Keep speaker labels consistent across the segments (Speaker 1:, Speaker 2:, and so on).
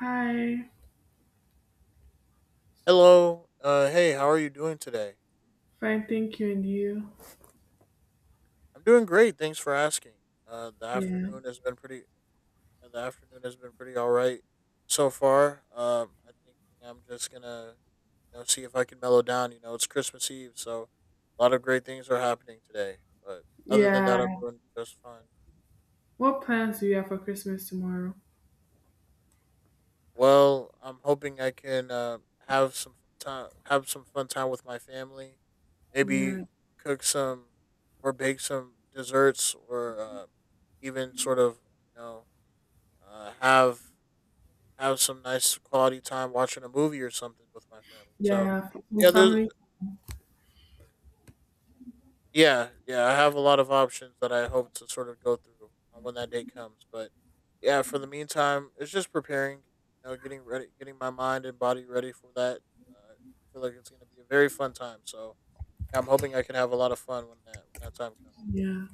Speaker 1: Hi,
Speaker 2: Hello. Hey, how are you doing today?
Speaker 1: fine, thank you, and you?
Speaker 2: I'm doing great. Thanks for asking. Uh, the
Speaker 1: Yeah,
Speaker 2: afternoon has been pretty. The afternoon has been pretty all right so far. I think I'm just gonna see if I can mellow down. You know, it's Christmas Eve, so a lot of great things are happening today. But other than
Speaker 1: yeah.
Speaker 2: that, I'm doing just fine.
Speaker 1: What plans do you have for Christmas tomorrow?
Speaker 2: Well, I'm hoping I can have some time, have some fun time with my family.
Speaker 1: Yeah,
Speaker 2: Maybe cook some or bake some desserts, or even sort of you know uh, have have some nice quality time watching a movie or something with my family.
Speaker 1: yeah,
Speaker 2: Yeah, there's
Speaker 1: family.
Speaker 2: Yeah, yeah, I have a lot of options that I hope to sort of go through when that day comes. But yeah, for the meantime, it's just preparing, you know, getting ready, getting my mind and body ready for that. I feel like it's going to be a very fun time. So yeah, I'm hoping I can have a lot of fun when that time comes.
Speaker 1: Yeah,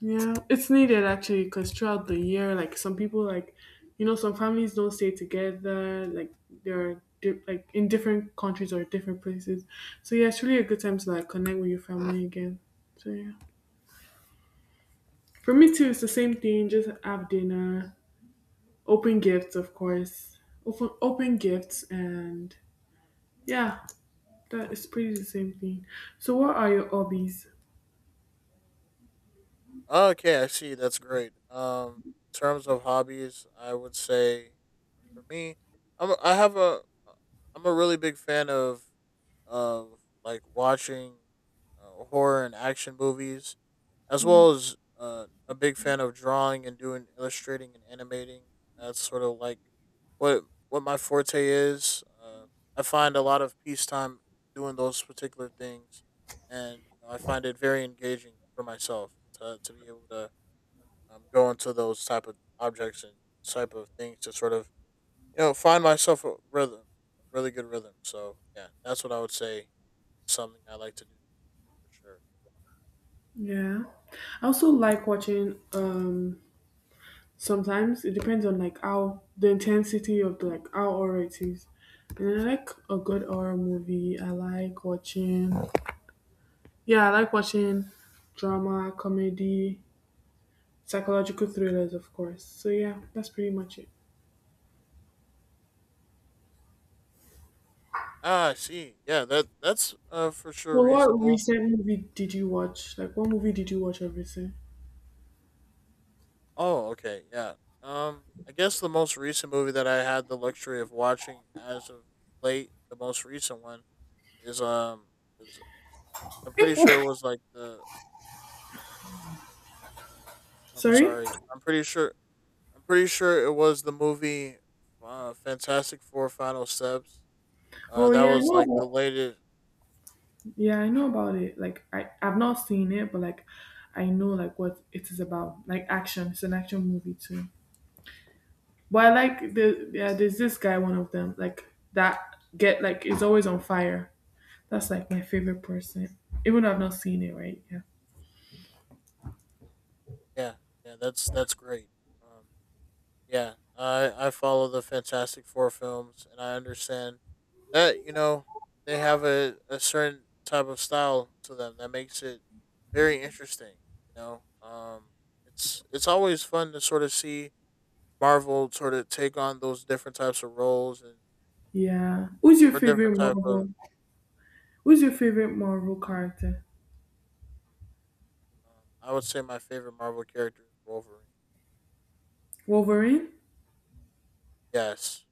Speaker 1: yeah. It's needed actually because throughout the year, like some people, like you know, some families don't stay together. Like like in different countries or different places. So yeah, it's really a good time to like connect with your family again. So yeah, for me too, it's the same thing. Just have dinner, open gifts, of course. Open gifts and yeah, that is pretty the same thing. So what are your hobbies?
Speaker 2: Okay, I see. That's great. In terms of hobbies, I would say for me, I have a really big fan of like watching horror and action movies as well as a big fan of drawing and doing illustrating and animating. That's sort of like what what my forte is. I find a lot of peacetime doing those particular things, and I find it very engaging for myself to be able to go into those type of objects and type of things to sort of you know find myself a rhythm, a really good rhythm. So yeah, that's what I would say. Something I like to do for sure.
Speaker 1: Yeah. I also like watching sometimes it depends on like how the intensity of the like how horror it is. And I like a good horror movie. I like watching yeah, I like watching drama, comedy, psychological thrillers of course. So yeah, that's pretty much it.
Speaker 2: Ah, I see. Yeah, that's for sure
Speaker 1: Well, what
Speaker 2: reasonable.
Speaker 1: recent movie did you watch? Like what movie did you watch or recent?
Speaker 2: Oh, okay. Yeah. I guess the most recent movie that I had the luxury of watching as of late, the most recent one is is, I'm pretty sure it was like the. I'm
Speaker 1: Sorry?
Speaker 2: sorry. I'm pretty sure. It was the movie, Fantastic Four: Final Steps.
Speaker 1: Oh
Speaker 2: That
Speaker 1: yeah, I
Speaker 2: was like the
Speaker 1: know.
Speaker 2: latest.
Speaker 1: Yeah, I know about it. Like I've not seen it, but like I know like what it is about. Like action. It's an action movie too. But I like the yeah, there's this guy, one of them, like that get like is always on fire. That's like my favorite person. Even though I've not seen it, right? Yeah.
Speaker 2: Yeah, yeah. That's great. Um, yeah. I follow the Fantastic Four films, and I understand that you know they have a certain type of style to them that makes it very interesting, you know. It's always fun to sort of see Marvel sort of take on those different types of roles and
Speaker 1: Yeah. Who's your
Speaker 2: or different
Speaker 1: favorite
Speaker 2: type of
Speaker 1: Marvel? Who's your favorite Marvel character?
Speaker 2: I would say my favorite Marvel character is Wolverine.
Speaker 1: Wolverine?
Speaker 2: Yes.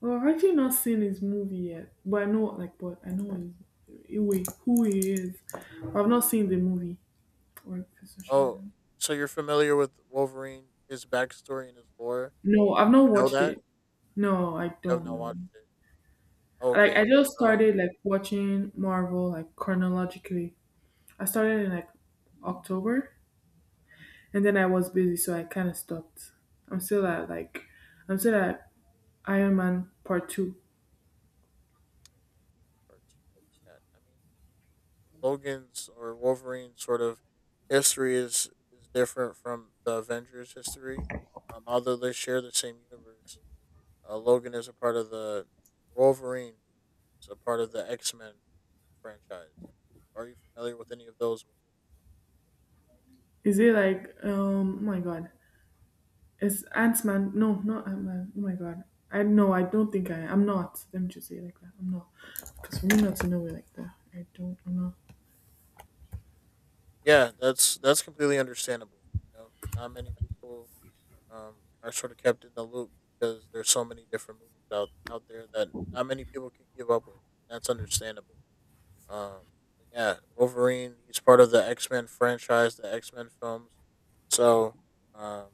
Speaker 1: Well, I've actually not seen his movie yet. But I know like what I know wait, who he is. I've not seen the movie. Or
Speaker 2: Oh, so you're familiar with Wolverine, his backstory and his lore,
Speaker 1: no, I've not
Speaker 2: you know,
Speaker 1: watched
Speaker 2: that
Speaker 1: it. No, I
Speaker 2: you have
Speaker 1: don't
Speaker 2: not
Speaker 1: know.
Speaker 2: watched it.
Speaker 1: Like I
Speaker 2: Okay.
Speaker 1: just
Speaker 2: So
Speaker 1: started like watching Marvel like chronologically. I started in like October and then I was busy so I kinda stopped. I'm still at I'm still at Iron Man part two.
Speaker 2: part two. Yeah, I mean Logan's or Wolverine's sort of history is different from the Avengers' history. Although they share the same universe, Logan is a part of the Wolverine. X Men franchise. Are you familiar with any of those movies?
Speaker 1: Is it like oh my god. It's Ant Man, no not Ant Man. Oh my god. I no, I don't think I'm not. Let me just say it like that. I'm not. Because for me not to know it like that. I'm not.
Speaker 2: Yeah, that's completely understandable. You know, not many people um, are sort of kept in the loop because there's so many different movies out there that not many people can keep up with. That's understandable. Um, yeah, Wolverine. He's part of the X Men franchise, the X Men films. So, um,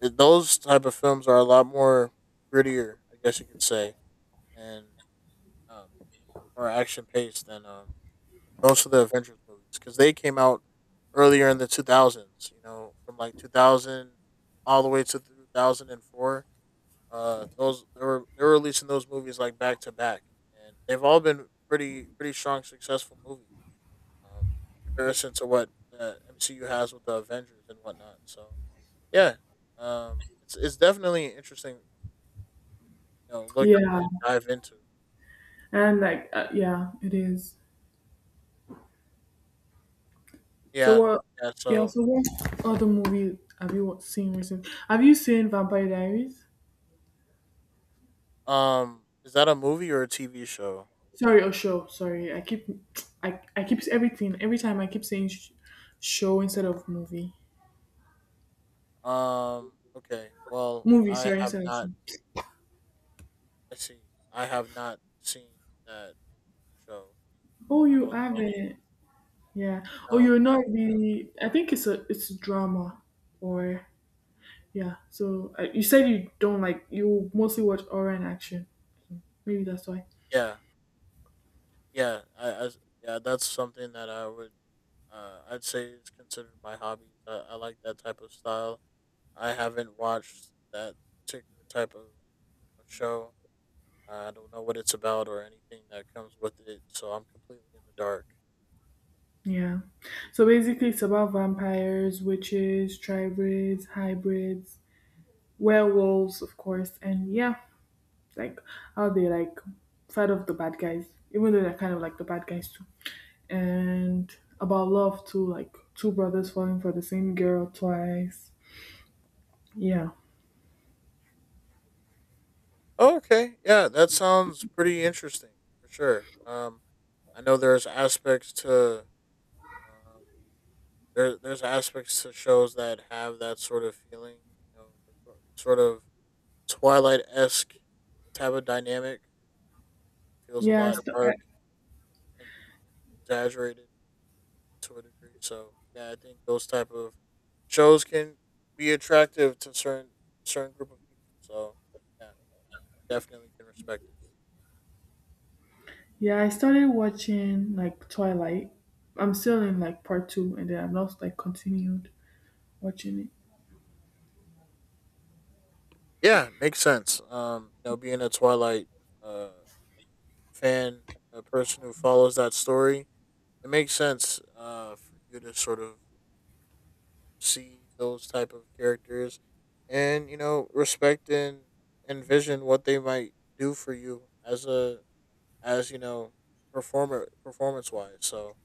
Speaker 2: those type of films are a lot more grittier, I guess you could say, and um, more action paced than most of the Avengers movies because they came out earlier in the two thousands. You know, from like 2000 all the way to 2004. Those, they were releasing those movies like back to back, and they've all been pretty pretty strong, successful movies, um, comparison to what the MCU has with the Avengers and whatnot. So yeah, it's definitely an interesting, you know, look
Speaker 1: Yeah.
Speaker 2: and dive into.
Speaker 1: And like yeah, it is. So
Speaker 2: Yeah,
Speaker 1: what?
Speaker 2: yeah.
Speaker 1: Yeah.
Speaker 2: So
Speaker 1: So what other movie have you seen recently? Have you seen Vampire Diaries?
Speaker 2: is that a movie or a TV show?
Speaker 1: Sorry, oh show. Sorry, I I keep everything every time. I keep saying sh- show instead of movie.
Speaker 2: Okay. Well,
Speaker 1: Movie,
Speaker 2: I
Speaker 1: sorry,
Speaker 2: have
Speaker 1: instead of
Speaker 2: not.
Speaker 1: show.
Speaker 2: I see. I have not seen that show.
Speaker 1: Oh,
Speaker 2: I
Speaker 1: you
Speaker 2: don't know.
Speaker 1: haven't. Yeah. Oh,
Speaker 2: No,
Speaker 1: you're
Speaker 2: I
Speaker 1: not
Speaker 2: have not.
Speaker 1: the. I think it's a it's drama, or yeah. So you said you don't like you mostly watch horror and action. So, maybe that's why.
Speaker 2: Yeah. Yeah, yeah, that's something that I would I'd say is considered my hobby. I like that type of style. I haven't watched that particular type of show. I don't know what it's about or anything that comes with it, so I'm completely in the dark.
Speaker 1: Yeah. So basically, it's about vampires, witches, tribrids, hybrids, werewolves, of course, and yeah, like how they like fight off the bad guys, even though they're kind of like the bad guys too. And about love too, like two brothers falling for the same girl twice. Yeah.
Speaker 2: Oh, okay, yeah, that sounds pretty interesting for sure. I know there's aspects to um, there there's aspects to shows that have that sort of feeling, you know, the sort of Twilight esque type of dynamic. Feels a
Speaker 1: Yeah.
Speaker 2: lot dark and exaggerated to a degree. So yeah, I think those type of shows can be attractive to certain certain group of people. So yeah, definitely can respect it.
Speaker 1: Yeah. I started watching like Twilight. I'm still in like part two, and then I've not like continued watching it.
Speaker 2: Yeah, makes sense. You know, being a Twilight uh fan, a person who follows that story, it makes sense for you to sort of see those type of characters and you know respect and envision what they might do for you as a as you know performer performance wise. So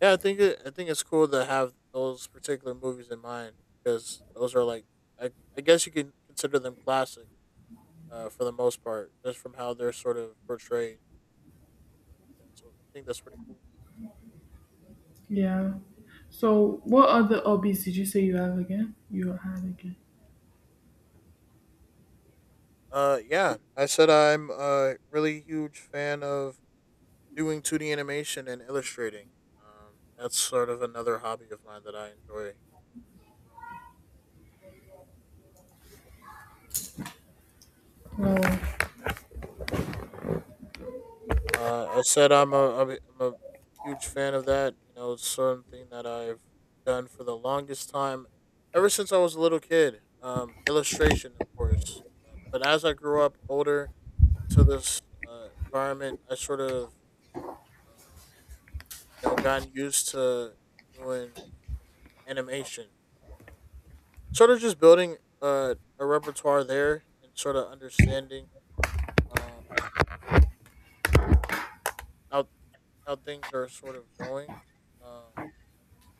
Speaker 2: yeah, I think it's cool to have those particular movies in mind because those are like i, I guess you can consider them classic, for the most part just from how they're sort of portrayed. So I think that's pretty cool.
Speaker 1: Yeah. So, what other hobbies did you say you have again?
Speaker 2: Yeah, I said I'm a really huge fan of doing 2D animation and illustrating. That's sort of another hobby of mine that I enjoy.
Speaker 1: Well,
Speaker 2: I said I'm a, I'm a I'm a huge fan of that. You know, it's something that I've done for the longest time, ever since I was a little kid. Illustration, of course. But as I grew up older to this environment, I sort of, uh, you know, gotten used to doing animation. You know, sort of just building a repertoire there and sort of understanding um, how how things are sort of going. Um,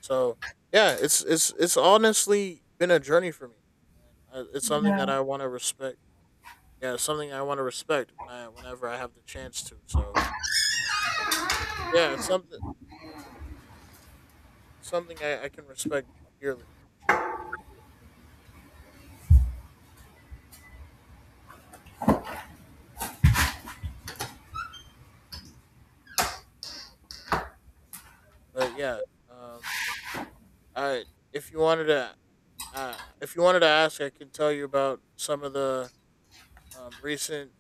Speaker 2: so yeah, it's it's honestly been a journey for me, and it's something that I want to respect. Yeah, it's something I want to respect whenever I have the chance to. So yeah, it's something I can respect dearly, sure. But yeah, um, I if you wanted to, if you wanted to ask, I can tell you about some of the recent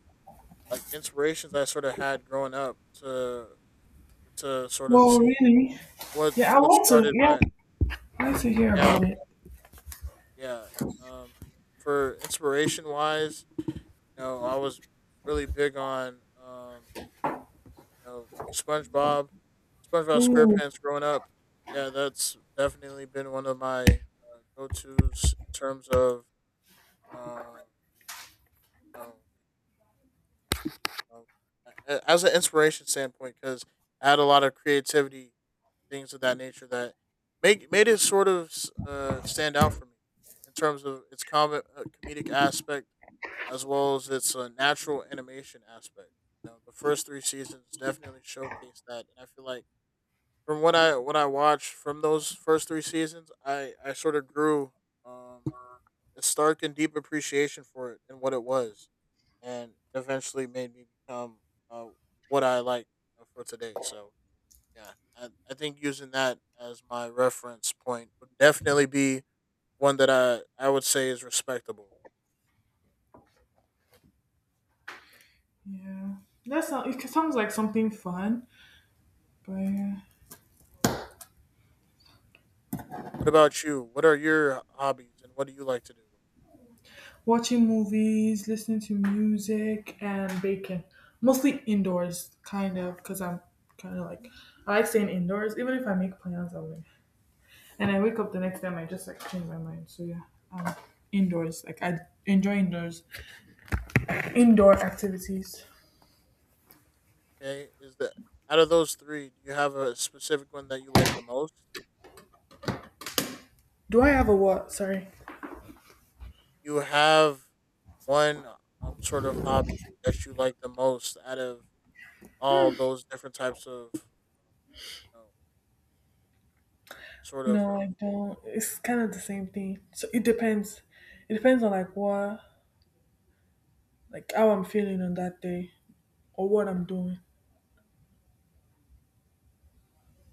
Speaker 2: like inspirations I sort of had growing up to sort of
Speaker 1: well,
Speaker 2: see
Speaker 1: really? Yeah, I
Speaker 2: what
Speaker 1: want to.
Speaker 2: started
Speaker 1: Yeah,
Speaker 2: my
Speaker 1: I want to hear
Speaker 2: yeah
Speaker 1: about it.
Speaker 2: yeah. um, for inspiration wise, you know, I was really big on, you know, SpongeBob
Speaker 1: Ooh,
Speaker 2: SquarePants growing up. Yeah, that's definitely been one of my go tos in terms of, uh, you know, you as an inspiration standpoint because I had a lot of creativity, things of that nature that make made it sort of stand out for me in terms of its comedic aspect as well as its natural animation aspect. You know, the first three seasons definitely showcased that, and I feel like from what I watched from those first three seasons, I sort of grew um, a stark and deep appreciation for it and what it was, and eventually made me become uh, what I like, for today. So yeah, I think using that as my reference point would definitely be one that I would say is respectable.
Speaker 1: yeah. That sounds. It sounds like something fun. But yeah.
Speaker 2: What about you? What are your hobbies and what do you like to do?
Speaker 1: Watching movies, listening to music, and baking, mostly indoors, kind of, because I'm kind of like I like staying indoors. Even if I make plans, I'm like, and I wake up the next time, I just like change my mind. So yeah, um, indoors. I enjoy indoor activities.
Speaker 2: Okay, is that out of those three, do you have a specific one that you like the most?
Speaker 1: Do I have a what? Sorry.
Speaker 2: You have one sort of hobby that you like the most out of all those different types of you know, sort of
Speaker 1: No, I don't. It's kind of the same thing. So it depends. It depends on like what, like how I'm feeling on that day or what I'm doing.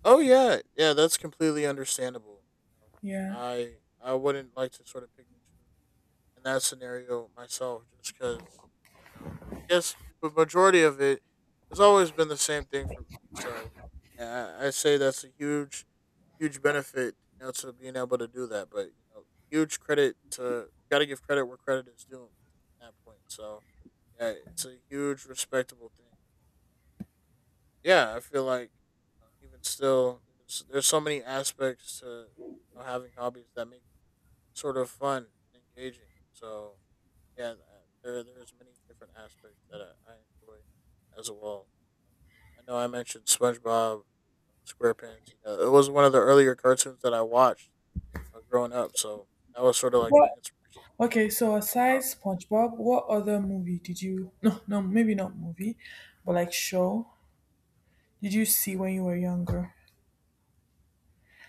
Speaker 2: Oh yeah, yeah, that's completely understandable, you know.
Speaker 1: Yeah.
Speaker 2: I I wouldn't like to sort of pick and choose in that scenario myself, just because you know I guess the majority of it has always been the same thing for me. So yeah, I say that's a huge huge benefit, you know, to being able to do that. But you know, huge credit to got to give credit where credit is due at that point. So yeah, it's a huge respectable thing. Yeah, I feel like, even still, there's so many aspects to you know, having hobbies that make it sort of fun and engaging. So yeah, there there's many different aspects that I enjoy as well. I know I mentioned SpongeBob SquarePants. You know, it was one of the earlier cartoons that I watched, growing up, so that was sort of like my
Speaker 1: What?
Speaker 2: inspiration.
Speaker 1: Okay. So
Speaker 2: Uh,
Speaker 1: aside SpongeBob, what other movie did you? No, no, maybe not movie, but like show did you see when you were younger?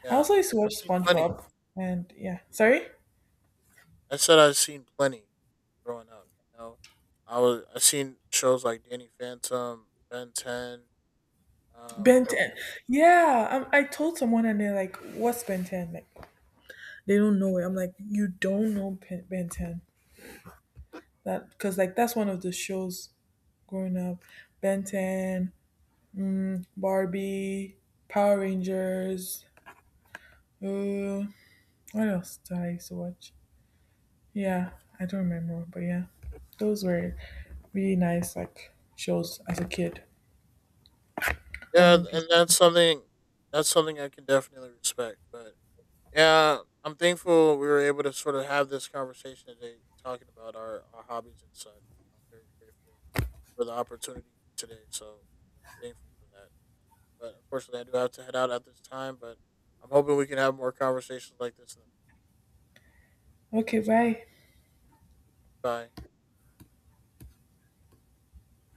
Speaker 2: yeah,
Speaker 1: I
Speaker 2: yeah,
Speaker 1: also used to
Speaker 2: I've
Speaker 1: watch
Speaker 2: seen plenty.
Speaker 1: SpongeBob, and yeah. Sorry.
Speaker 2: I said I've seen plenty growing up. You know, I seen shows like Danny Phantom, Ben Ten,
Speaker 1: Ben
Speaker 2: from
Speaker 1: 10.
Speaker 2: uh,
Speaker 1: Yeah, I told someone and they're like, what's Ben 10? Like, they don't know it. I'm like, you don't know Ben 10. That because like that's one of the shows growing up. Ben 10, Barbie, Power Rangers. Uh, what else did I used to watch? Yeah, I don't remember, but yeah, those were really nice like shows as a kid or
Speaker 2: yeah, and
Speaker 1: movies.
Speaker 2: that's something I can definitely respect. But yeah, I'm thankful we were able to sort of have this conversation today, talking about our hobbies and such. I'm very grateful for the opportunity today, so I'm thankful for that. But unfortunately, I do have to head out at this time. But I'm hoping we can have more conversations like this. In the-
Speaker 1: Okay, bye.
Speaker 2: Bye.